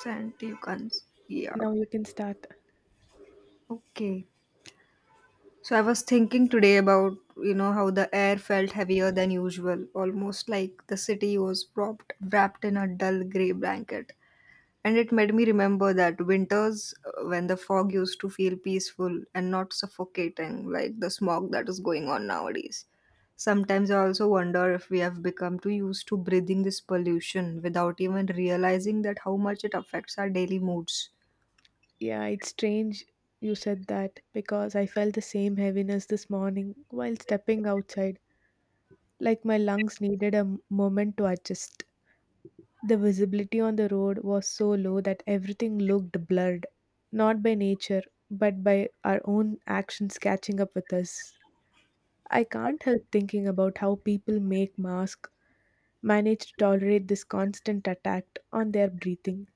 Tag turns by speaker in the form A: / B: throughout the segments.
A: Sent you can, yeah,
B: Now you can start.
A: okay. So I was thinking today about, you know, how the air felt heavier than usual, almost like the city was wrapped in a dull gray blanket. And it made me remember that winters when the fog used to feel peaceful and not suffocating like the smog that is going on nowadays. Sometimes I also wonder if we have become too used to breathing this pollution without even realizing that how much it affects our daily moods.
B: Yeah, it's strange you said that because I felt the same heaviness this morning while stepping outside, like my lungs needed a moment to adjust. The visibility on the road was so low that everything looked blurred, not by nature, but by our own actions catching up with us. I can't help thinking about how people make masks manage to tolerate this constant attack on their breathing.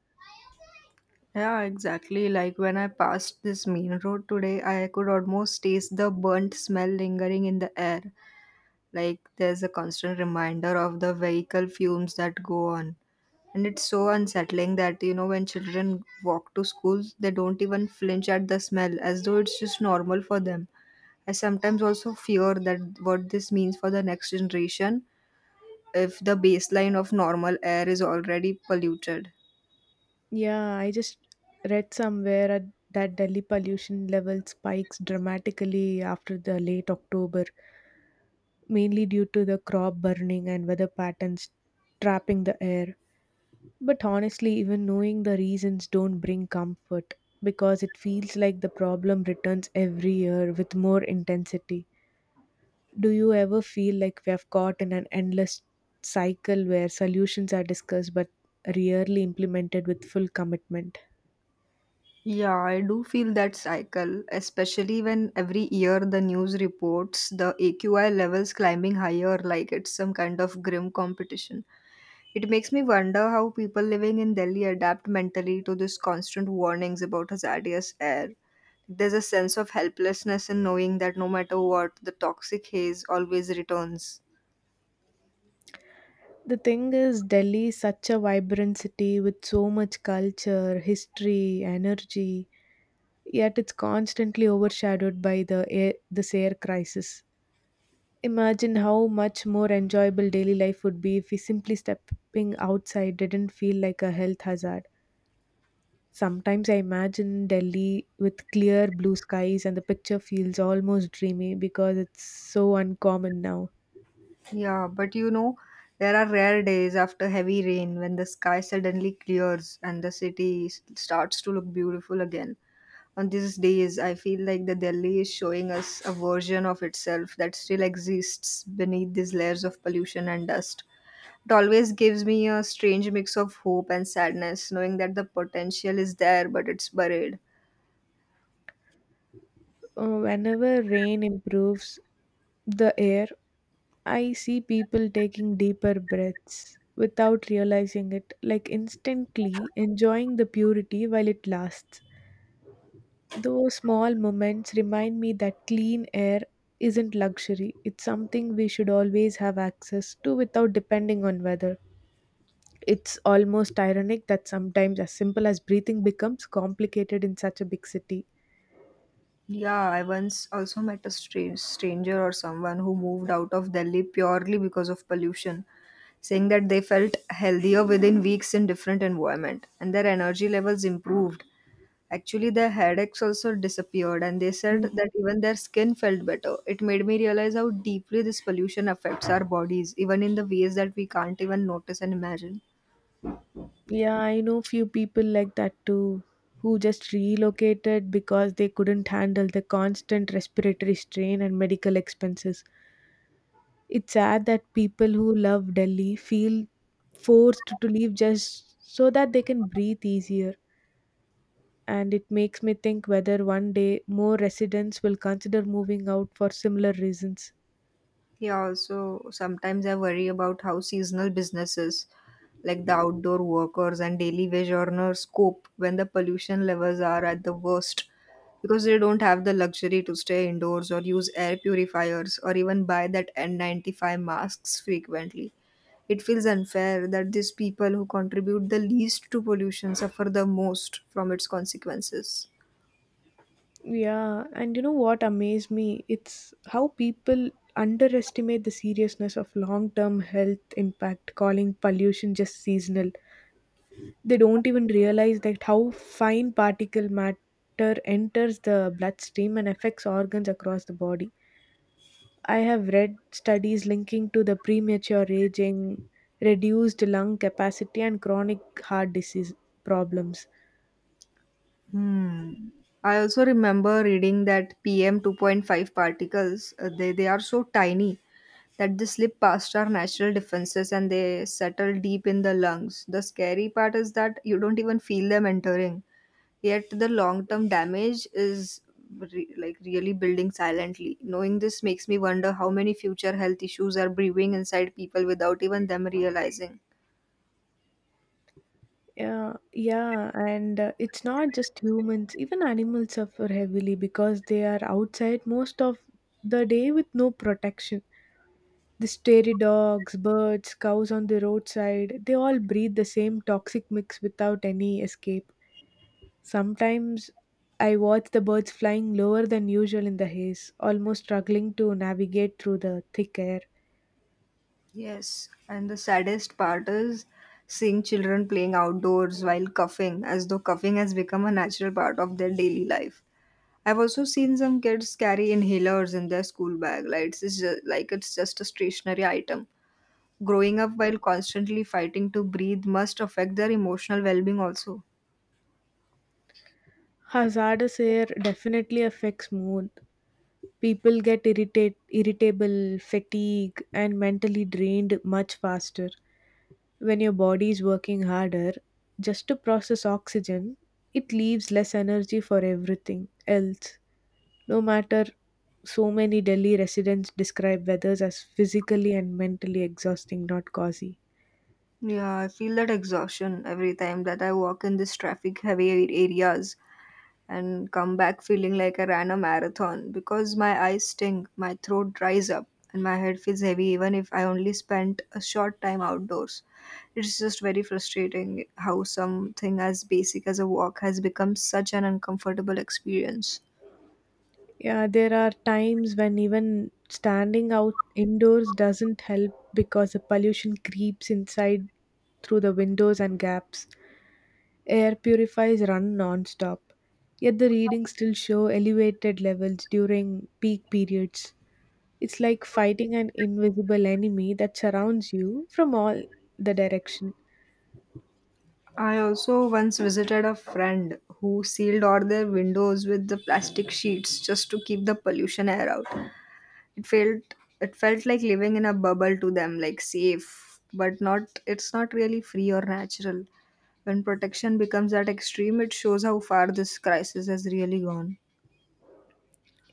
A: Yeah, exactly. Like when I passed this main road today, I could almost taste the burnt smell lingering in the air. Like there's a constant reminder of the vehicle fumes that go on. And it's so unsettling that, you know, when children walk to school, they don't even flinch at the smell as though it's just normal for them. I sometimes also fear that what this means for the next generation if the baseline of normal air is already polluted.
B: Yeah, I just read somewhere that Delhi pollution level spikes dramatically after the late October, mainly due to the crop burning and weather patterns trapping the air. But honestly, even knowing the reasons don't bring comfort because it feels like the problem returns every year with more intensity. Do you ever feel like we have caught in an endless cycle where solutions are discussed but rarely implemented with full commitment?
A: Yeah, I do feel that cycle, especially when every year the news reports the AQI levels climbing higher like it's some kind of grim competition. It makes me wonder how people living in Delhi adapt mentally to these constant warnings about hazardous air. There's a sense of helplessness in knowing that no matter what, the toxic haze always returns.
B: The thing is, Delhi is such a vibrant city with so much culture, history, energy, yet it's constantly overshadowed by this air crisis. Imagine how much more enjoyable daily life would be if we simply stepping outside didn't feel like a health hazard. Sometimes I imagine Delhi with clear blue skies, and the picture feels almost dreamy because it's so uncommon now.
A: Yeah, but you know, there are rare days after heavy rain when the sky suddenly clears and the starts to look beautiful again. On these days, I feel like the Delhi is showing us a version of itself that still exists beneath these layers of pollution and dust. It always gives me a strange mix of hope and sadness, knowing that the potential is there but it's buried.
B: Whenever rain improves the air, I see people taking deeper breaths without realizing it, like instantly enjoying the purity while it lasts. Those small moments remind me that clean air isn't luxury, it's something we should always have access to without depending on weather. It's almost ironic that sometimes as simple as breathing becomes complicated in such a big city.
A: Yeah, I once also met a stranger or someone who moved out of Delhi purely because of pollution, saying that they felt healthier within weeks in different environment and their energy levels improved. Actually, their headaches also disappeared and they said that
B: Mhm.
A: even their skin felt better. It made me realize how deeply this pollution affects our bodies, even in the ways that we can't even notice and imagine.
B: Yeah, I know few people like that too, who just relocated because they couldn't handle the constant respiratory strain and medical expenses. It's sad that people who love Delhi feel forced to leave just so that they can breathe easier. And it makes me think whether one day more residents will consider moving out for similar reasons.
A: Yeah, also sometimes I worry about how seasonal businesses like the outdoor workers and daily wage earners cope when the pollution levels are at the worst because they don't have the luxury to stay indoors or use air purifiers or even buy that N95 masks frequently. It feels unfair that these people who contribute the least to pollution suffer the most from its consequences.
B: Yeah, and you know what amazed me? It's how people underestimate the seriousness of long term health impact, calling pollution just seasonal. They don't even realize that how fine particle matter enters the bloodstream and affects organs across the body. I have read studies linking to the premature aging, reduced lung capacity, and chronic heart disease problems.
A: Hmm. I also remember reading that PM 2.5 particles, they are so tiny that they slip past our natural defenses and they settle deep in the lungs. The scary part is that you don't even feel them entering. Yet the long term damage is like really building silently. Knowing this makes me wonder how many future health issues are brewing inside people without even them realizing.
B: Yeah, yeah, and it's not just humans, even animals suffer heavily because they are outside most of the day with no protection. The stray dogs, birds, cows on the roadside, they all breathe the same toxic mix without any escape. Sometimes I watch the birds flying lower than usual in the haze, almost struggling to navigate through the thick air.
A: Yes, and the saddest part is seeing children playing outdoors while coughing, as though coughing has become a natural part of their daily life. I've also seen some kids carry inhalers in their school bag, like it's just a stationary item. Growing up while constantly fighting to breathe must affect their emotional well-being also.
B: Hazardous air definitely affects mood. People get irritable, fatigued, and mentally drained much faster. When your body is working harder just to process oxygen, it leaves less energy for everything else. No matter so many Delhi residents describe weathers as physically and mentally exhausting, not cozy.
A: Yeah, I feel that exhaustion every time that I walk in this traffic-heavy areas and come back feeling like I ran a marathon because my eyes sting, my throat dries up, and my head feels heavy even if I only spent a short time outdoors. It's just very frustrating how something as basic as a walk has become such an uncomfortable experience.
B: Yeah, there are times when even standing out indoors doesn't help because the pollution creeps inside through the windows and gaps. Air purifiers run non-stop, yet the readings still show elevated levels during peak periods. It's like fighting an invisible enemy that surrounds you from all the direction.
A: I also once visited a friend who sealed all their windows with the plastic sheets just to keep the pollution air out. It felt it felt like living in a bubble to them, like safe, but not it's not really free or natural. When protection becomes that extreme, it shows how far this crisis has really gone.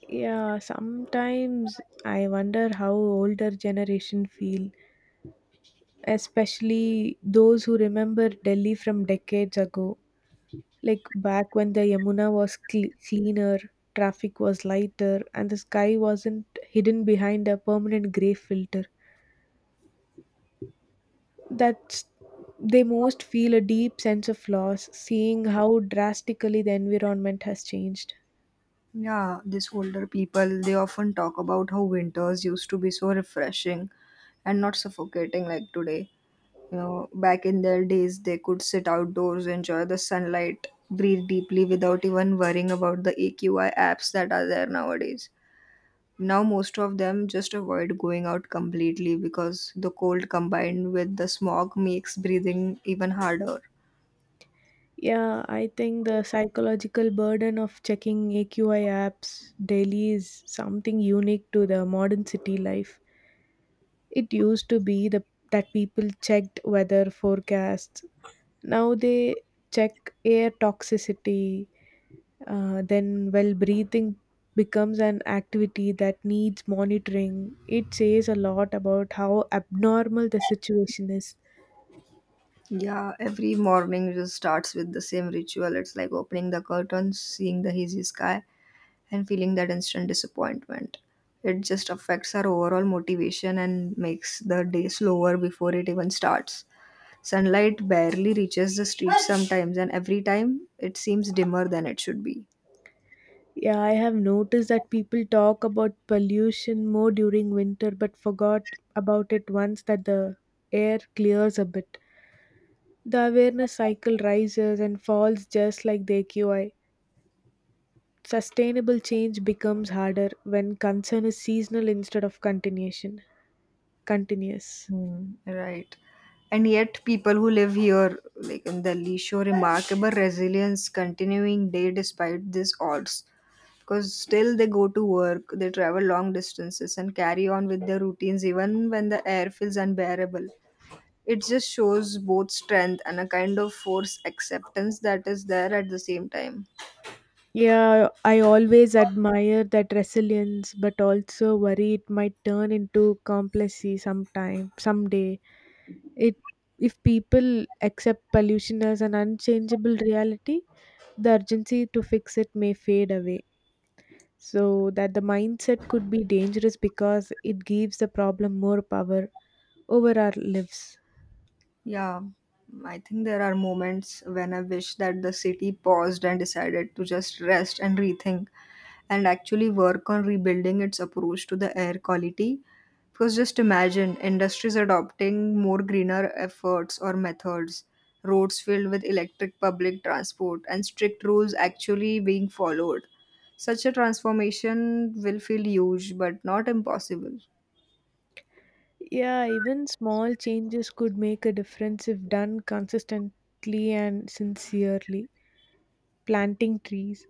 B: Yeah, sometimes I wonder how older generation feel, especially those who remember Delhi from decades ago, like back when the Yamuna was cleaner, traffic was lighter, and the sky wasn't hidden behind a permanent gray filter. That they most feel a deep sense of loss seeing how drastically the environment has changed.
A: Yeah, these older people, they often talk about how winters used to be so refreshing and not suffocating like today. You know, back in their days, they could sit outdoors, enjoy the sunlight, breathe deeply without even worrying about the AQI apps that are there nowadays. Now most of them just avoid going out completely because the cold combined with the smog makes breathing even harder.
B: Yeah, I think the psychological burden of checking AQI apps daily is something unique to the modern city life. It used to be the that people checked weather forecasts. Now they check air toxicity. Breathing becomes an activity that needs monitoring. It says a lot about how abnormal the situation is.
A: Yeah, every morning just starts with the same ritual. It's like opening the curtains, seeing the hazy sky, and feeling that instant disappointment. It just affects our overall motivation and makes the day slower before it even starts. Sunlight barely reaches the street sometimes, and every time it seems dimmer than it should be.
B: Yeah, I have noticed that people talk about pollution more during winter but forgot about it once that the air clears a bit. The awareness cycle rises and falls just like the AQI. Sustainable change becomes harder when concern is seasonal instead of continuation continuous.
A: Hmm, right. And yet, people who live here, like in Delhi, show remarkable resilience continuing day despite these odds. Because still they go to work, they travel long distances, and carry on with their routines even when the air feels unbearable. It just shows both strength and a kind of force acceptance that is there at the same time.
B: Yeah, I always admire that resilience, but also worry it might turn into complacency sometime, someday. It if people accept pollution as an unchangeable reality, the urgency to fix it may fade away. So that the mindset could be dangerous because it gives the problem more power over our lives.
A: Yeah, I think there are moments when I wish that the city paused and decided to just rest and rethink and actually work on rebuilding its approach to the air quality. Because just imagine industries adopting more greener efforts or methods, roads filled with electric public transport, and strict rules actually being followed. Such a transformation will feel huge but not impossible.
B: Yeah, even small changes could make a difference if done consistently and sincerely. Planting trees,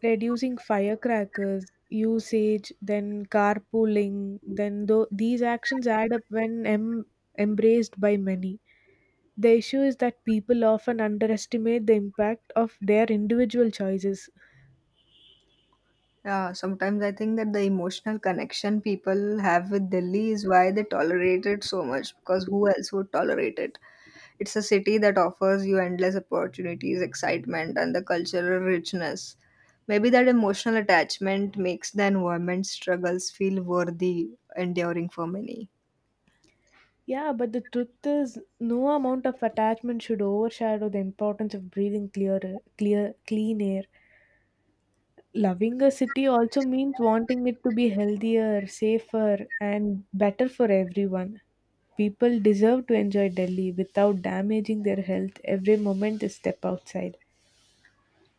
B: reducing firecrackers usage, then carpooling, then though these actions add up when embraced by many, the issue is that people often underestimate the impact of their individual choices.
A: Yeah, sometimes I think that the emotional connection people have with Delhi is why they tolerate it so much because who else would tolerate it? It's a city that offers you endless opportunities, excitement, and the cultural richness. Maybe that emotional attachment makes the environment struggles feel worthy, enduring for many.
B: Yeah, but the truth is no amount of attachment should overshadow the importance of breathing clear, clean air. Loving a city also means wanting it to be healthier, safer, and better for everyone. People deserve to enjoy Delhi without damaging their health every moment they step outside.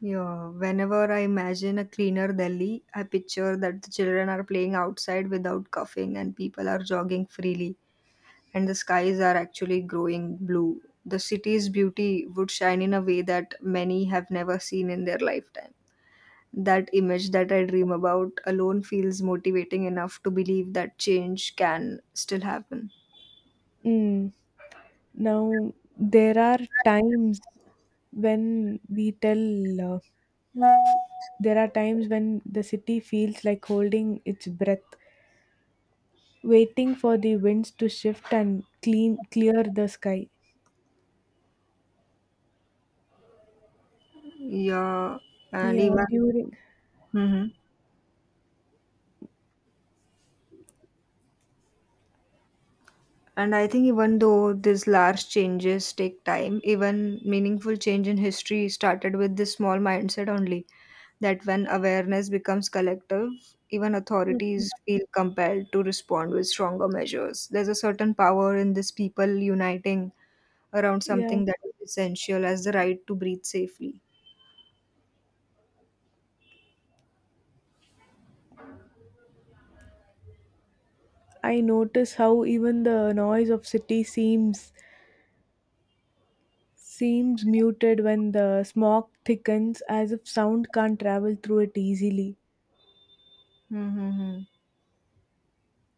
A: Yeah, whenever I imagine a cleaner Delhi, I picture that the children are playing outside without coughing and people are jogging freely and the skies are actually growing blue. The city's beauty would shine in a way that many have never seen in their lifetime. That image that I dream about alone feels motivating enough to believe that change can still happen.
B: Mm. Now, there are times when there are times when the city feels like holding its breath, waiting for the winds to shift and clean clear the sky.
A: Yeah, and
B: Yeah,
A: even.
B: during
A: Mhm. And I think even though these large changes take time, even meaningful change in history started with this small mindset only that when awareness becomes collective, even authorities feel compelled to respond with stronger measures. There's a certain power in this people uniting around
B: yeah
A: something that is essential as the right to breathe safely.
B: I notice how even the noise of city seems muted when the smog thickens as if sound can't travel through it easily.
A: Mm-hmm.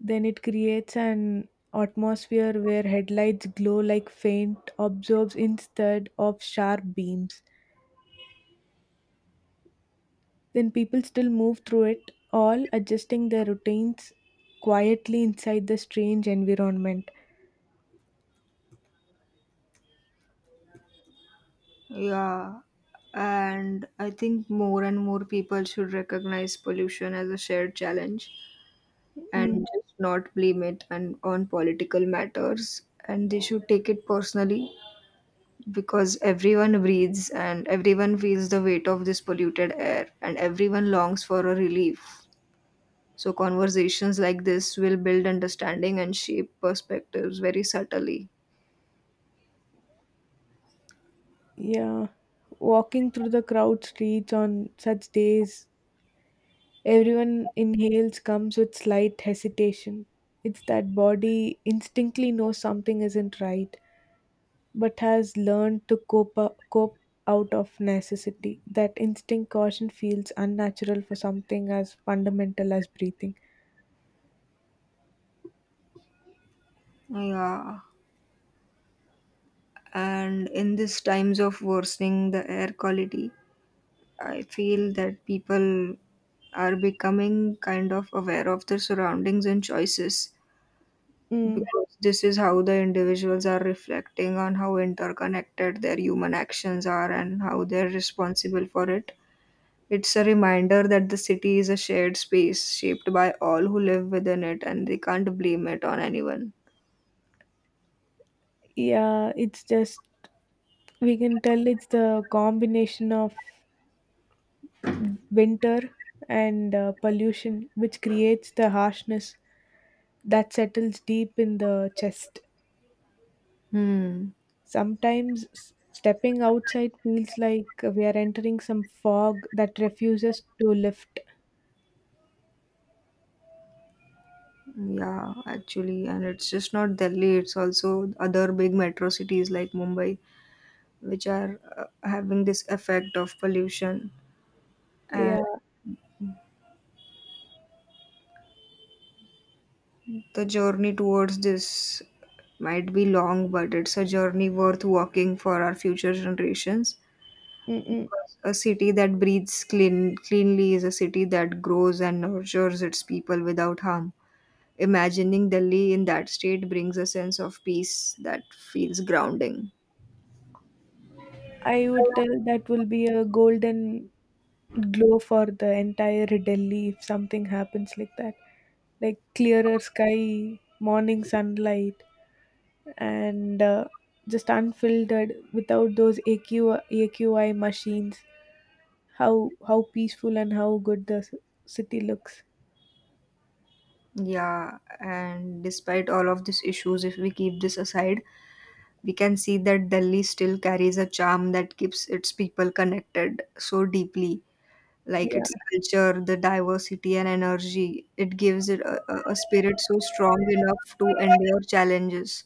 B: Then it creates an atmosphere where headlights glow like faint orbs instead of sharp beams. Then people still move through it, all adjusting their routines quietly inside the strange environment.
A: Yeah. And I think more and more people should recognize pollution as a shared challenge and
B: Mm,
A: just not blame it and on political matters, and they should take it personally, because everyone breathes and everyone feels the weight of this polluted air and everyone longs for a relief. So conversations like this will build understanding and shape perspectives very subtly.
B: yeah, walking through the crowd streets on such days everyone inhales comes with slight hesitation. It's that body instinctively knows something isn't right, but has learned to cope out of necessity. That instinct caution feels unnatural for something as fundamental as breathing.
A: Yeah, and in these times of worsening the air quality, I feel that people are becoming kind of aware of their surroundings and choices.
B: Mm,
A: Because this is how the individuals are reflecting on how interconnected their human actions are and how they're responsible for it. It's a reminder that the city is a shared space shaped by all who live within it and they can't blame it on anyone.
B: yeah, it's just we can tell it's the combination of winter and pollution which creates the harshness that settles deep in the chest.
A: Hmm.
B: Sometimes stepping outside feels like we are entering some fog that refuses to lift.
A: Yeah, actually, and it's just not Delhi, it's also other big metro cities like Mumbai, which are having this effect of pollution. And
B: Yeah,
A: the journey towards this might be long, but it's a journey worth walking for our future generations.
B: mm-mm.
A: Because a city that breathes clean, cleanly is a city that grows and nurtures its people without harm. Imagining Delhi in that state brings a sense of peace that feels grounding.
B: I would tell that will be a golden glow for the entire Delhi if something happens like that. Like clearer sky, morning sunlight, and just unfiltered without those AQAQI machines. How peaceful and how good the city looks.
A: Yeah, and despite all of these issues, if we keep this aside, we can see that Delhi still carries a charm that keeps its people connected so deeply like
B: Yeah.
A: its culture, the diversity and energy. It gives it a spirit so strong enough to endure challenges.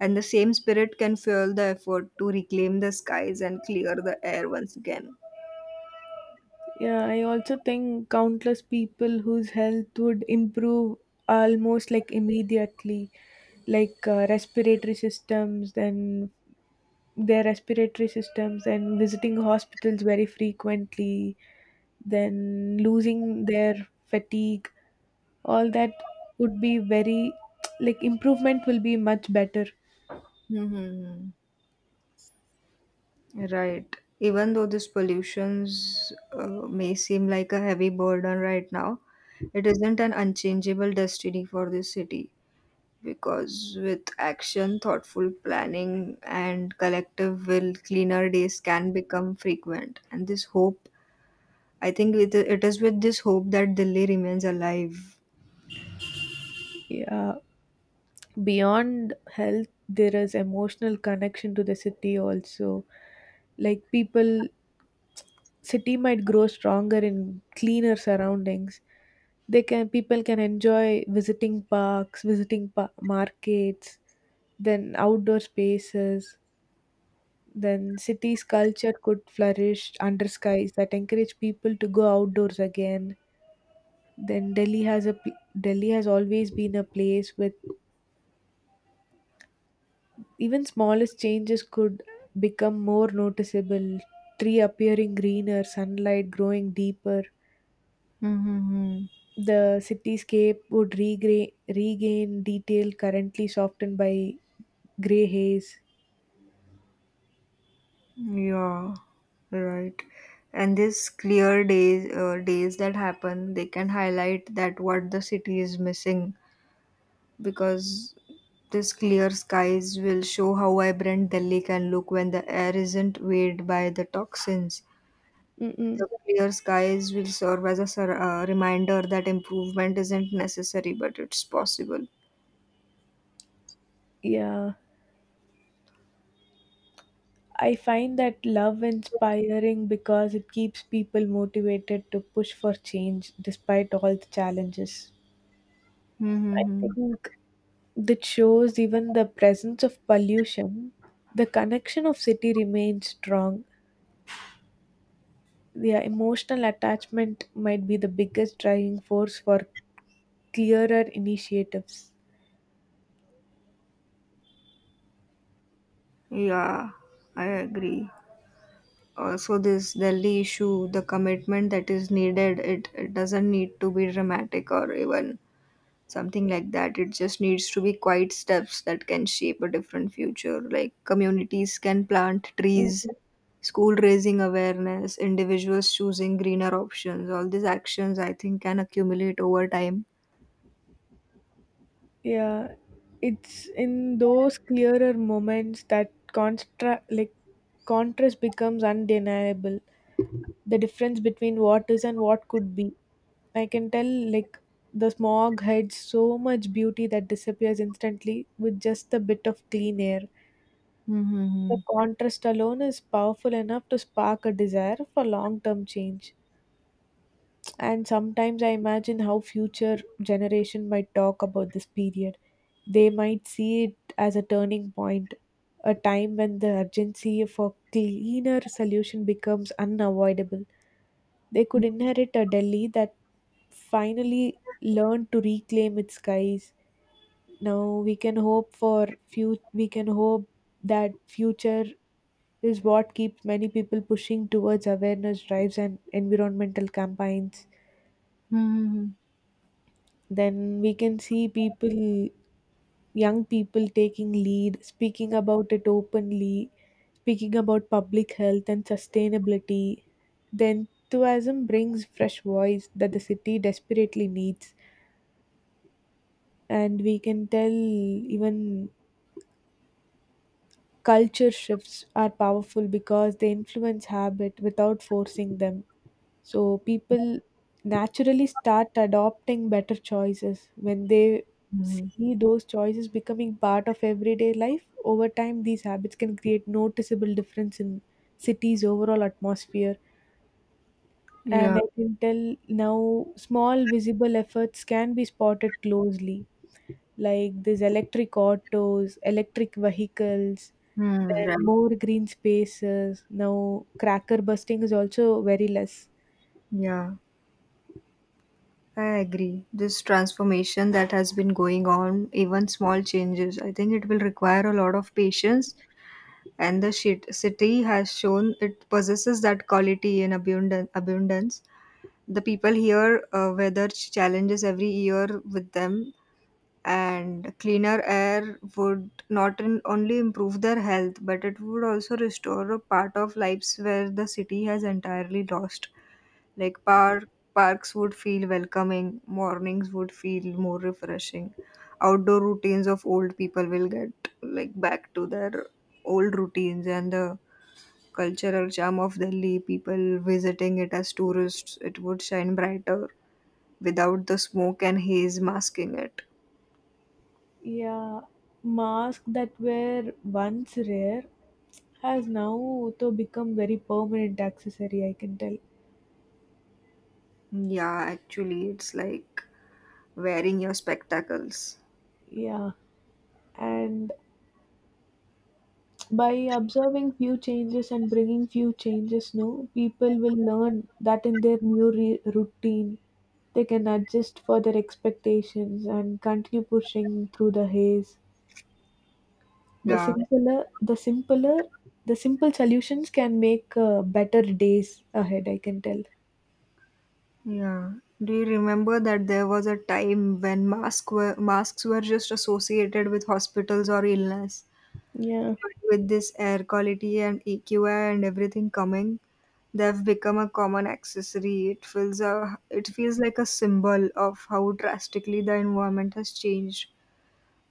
A: And the same spirit can fuel the effort to reclaim the skies and clear the air once again.
B: Yeah, I also think countless people whose health would improve almost like immediately, like respiratory systems, then their respiratory systems, and visiting hospitals very frequently, then losing their fatigue, all that would be very like improvement will be much better.
A: Hmm. Right. Even though these pollutions may seem like a heavy burden right now, it isn't an unchangeable destiny for this city. Because with action, thoughtful planning, and collective will, cleaner days can become frequent. And this hope, it is with this hope that Delhi remains alive.
B: Yeah, beyond health, there is emotional connection to the city also, like people city might grow stronger in cleaner surroundings. They can people can enjoy visiting parks, visiting markets, then outdoor spaces, then cities culture could flourish under skies that encourage people to go outdoors again. Then Delhi has always been a place with even smallest changes could become more noticeable, tree appearing greener, sunlight growing deeper.
A: Mm-hmm.
B: The cityscape would regain detail currently softened by gray haze.
A: Yeah, right. And these clear days that happen, they can highlight that what the city is missing, because these clear skies will show how vibrant Delhi can look when the air isn't weighed by the toxins. The
B: Mm-mm.
A: clear skies will serve as a reminder that improvement isn't necessary, but it's possible.
B: Yeah, I find that love inspiring because it keeps people motivated to push for change despite all the challenges. I
A: Mm-hmm.
B: think that shows even the presence of pollution, the connection of city remains strong. Their emotional attachment might be the biggest driving force for clearer initiatives.
A: Yeah, I agree. Also, this Delhi issue, the commitment that is needed, it doesn't need to be dramatic or even something like that. It just needs to be quiet steps that can shape a different future. Like communities can plant trees, school raising awareness, individuals choosing greener options, all these actions I think can accumulate over time.
B: Yeah, it's in those clearer moments that contrast becomes undeniable. The difference between what is and what could be. I can tell like the smog hides so much beauty that disappears instantly with just a bit of clean air. The
A: Mm-hmm.
B: contrast alone is powerful enough to spark a desire for long-term change. And sometimes I imagine how future generation might talk about this period. They might see it as a turning point, a time when the urgency for cleaner solution becomes unavoidable. They could inherit a Delhi that finally learned to reclaim its skies. Now we can hope that future is what keeps many people pushing towards awareness drives and environmental campaigns.
A: Mm-hmm.
B: Then we can see people, young people taking lead, speaking about it openly, speaking about public health and sustainability. The enthusiasm brings fresh voice that the city desperately needs. And we can tell even culture shifts are powerful because they influence habit without forcing them. So people naturally start adopting better choices when they see those choices becoming part of everyday life. Over time, these habits can create noticeable difference in cities' overall atmosphere.
A: Yeah.
B: And I can tell now small visible efforts can be spotted closely, like these electric autos, electric vehicles, then
A: Right.
B: more green spaces. Now, cracker busting is also very less.
A: Yeah, I agree. This transformation that has been going on, even small changes, I think it will require a lot of patience, and the city has shown it possesses that quality in abundance. The people here weather challenges every year with them, and cleaner air would not only improve their health, but it would also restore a part of lives where the city has entirely lost. Like park, Parks would feel welcoming, mornings would feel more refreshing. Outdoor routines of old people will get like back to their old routines, and the cultural charm of Delhi, people visiting it as tourists, it would shine brighter without the smoke and haze masking it.
B: Yeah, masks that were once rare has now to become very permanent accessory, I can tell.
A: Yeah, actually, it's like wearing your spectacles.
B: Yeah, and by observing few changes and bringing few changes new, people will learn that in their routine they can adjust for their expectations and continue pushing through the haze. The
A: Yeah,
B: simpler, the simpler, the simple solutions can make better days ahead, I can tell.
A: yeah. Do you remember that there was a time when masks were just associated with hospitals or illness?
B: Yeah,
A: With this air quality and EQI and everything coming, they've become a common accessory. It feels like a symbol of how drastically the environment has changed.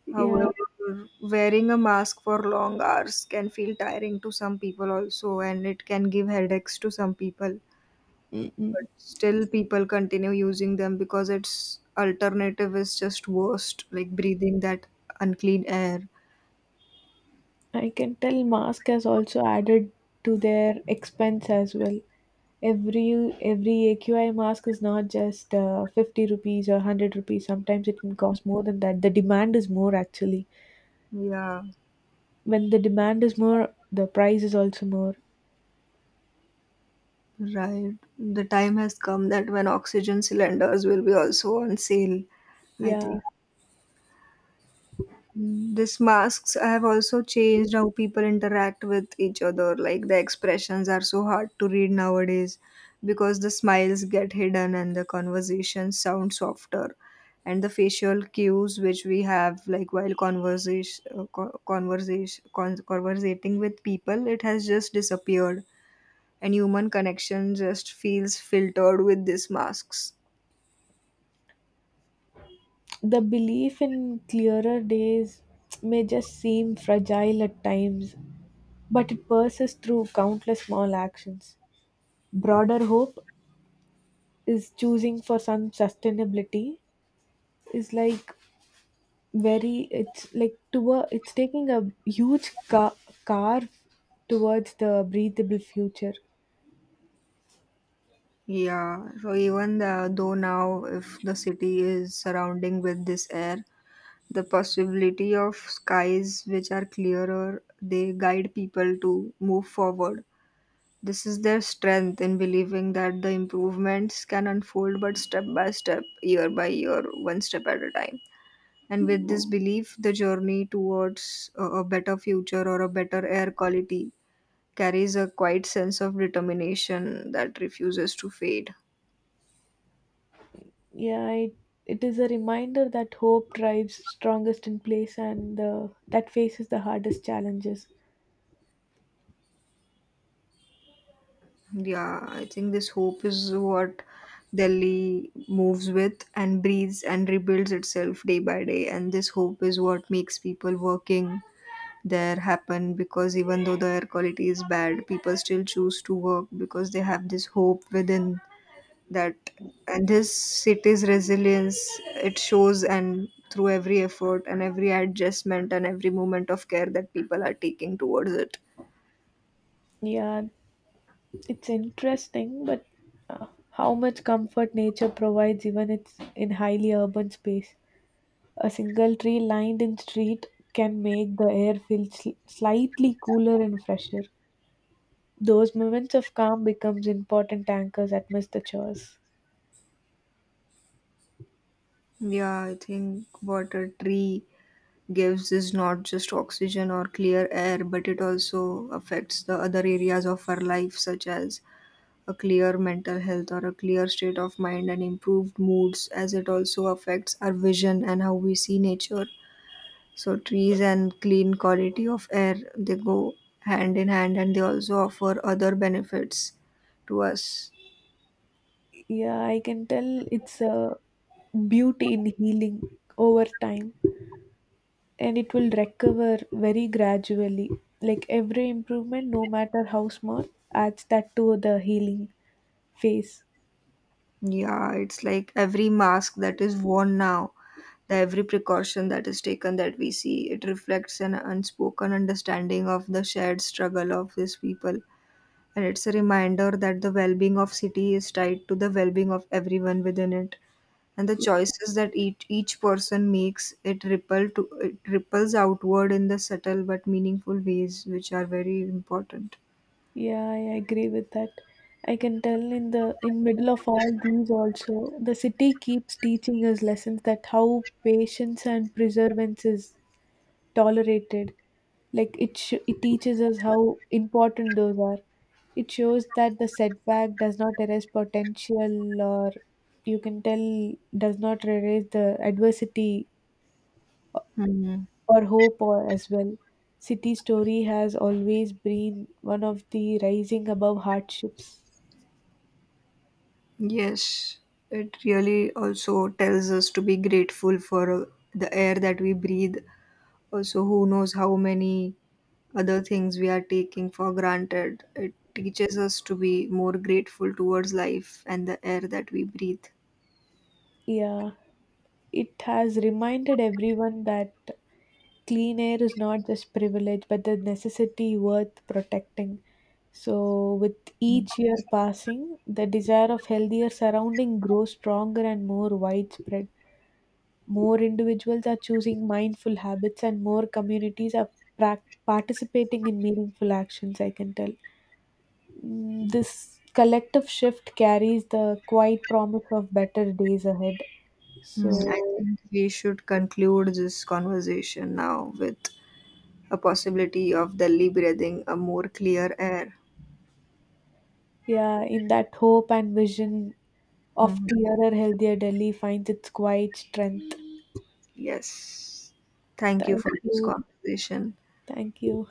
B: yeah.
A: However, wearing a mask for long hours can feel tiring to some people also, and it can give headaches to some people. But
B: Mm-mm.
A: still, people continue using them because its alternative is just worst, like breathing that unclean air.
B: I can tell mask has also added to their expense as well. Every AQI mask is not just 50 rupees or 100 rupees. Sometimes it can cost more than that. The demand is more actually.
A: Yeah.
B: When the demand is more, the price is also more.
A: Right. The time has come that when oxygen cylinders will be also on sale. I think
B: Yeah.
A: this masks have also changed how people interact with each other. Like the expressions are so hard to read nowadays because the smiles get hidden and the conversations sound softer. And the facial cues which we have, like while conversation, conversation, conversating with people, it has just disappeared, and human connection just feels filtered with these masks.
B: The belief in clearer days may just seem fragile at times, but it persists through countless small actions. Broader hope is choosing for some sustainability is like very it's like to a, it's taking a huge carve towards the breathable future.
A: Yeah, so even though now, if the city is surrounding with this air, the possibility of skies which are clearer, they guide people to move forward. This is their strength in believing that the improvements can unfold, but step by step, year by year, one step at a time. And with this belief, the journey towards a better future or a better air quality carries a quiet sense of determination that refuses to fade.
B: yeah it, it is a reminder that hope drives strongest in place and that faces the hardest challenges.
A: Yeah, I think this hope is what Delhi moves with and breathes and rebuilds itself day by day. And this hope is what makes people working there happen, because even though the air quality is bad, people still choose to work because they have this hope within, that, and his city's resilience, it shows and through every effort and every adjustment and every moment of care that people are taking towards it.
B: Yeah, it's interesting but uh, how much comfort nature provides even it's in highly urban space. A single tree lined in street can make the air feel slightly cooler and fresher. Those moments of calm becomes important anchors amidst the chores.
A: Yeah, I think what a tree gives is not just oxygen or clear air, but it also affects the other areas of our life, such as a clear mental health or a clear state of mind and improved moods, as it also affects our vision and how we see nature. So trees and clean quality of air, they go hand in hand and they also offer other benefits to us.
B: Yeah, I can tell it's a beauty in healing over time and it will recover very gradually. Like every improvement, no matter how small, adds that to the healing phase.
A: Yeah, it's like every mask that is worn now, the every precaution that is taken that we see, it reflects an unspoken understanding of the shared struggle of these people. And it's a reminder that the well being of city is tied to the well being of everyone within it. And the choices that each person makes, it ripples outward in the subtle but meaningful ways which are very important.
B: Yeah, I agree with that. I can tell in the in middle of all these also, the city keeps teaching us lessons that how patience and perseverance is tolerated, like it teaches us how important those are. It shows that the setback does not erase potential or you can tell does not erase the adversity
A: Hmm.
B: or hope or as well. City story has always been one of the rising above hardships.
A: Yes, it really also tells us to be grateful for the air that we breathe. Also, who knows how many other things we are taking for granted. It teaches us to be more grateful towards life and the air that we breathe.
B: Yeah, it has reminded everyone that clean air is not just privilege but the necessity worth protecting. So, with each year passing, the desire of healthier surrounding grows stronger and more widespread. More individuals are choosing mindful habits, and more communities are participating in meaningful actions. I can tell, mm, this collective shift carries the quiet promise of better days ahead.
A: Hmm, I
B: So,
A: think we should conclude this conversation now with a possibility of Delhi breathing a more clear air.
B: yeah, in that hope and vision of
A: Mhm.
B: clearer, healthier Delhi finds its quiet strength.
A: Yes. Thank you
B: Thank
A: for this
B: you.
A: conversation.
B: Thank you.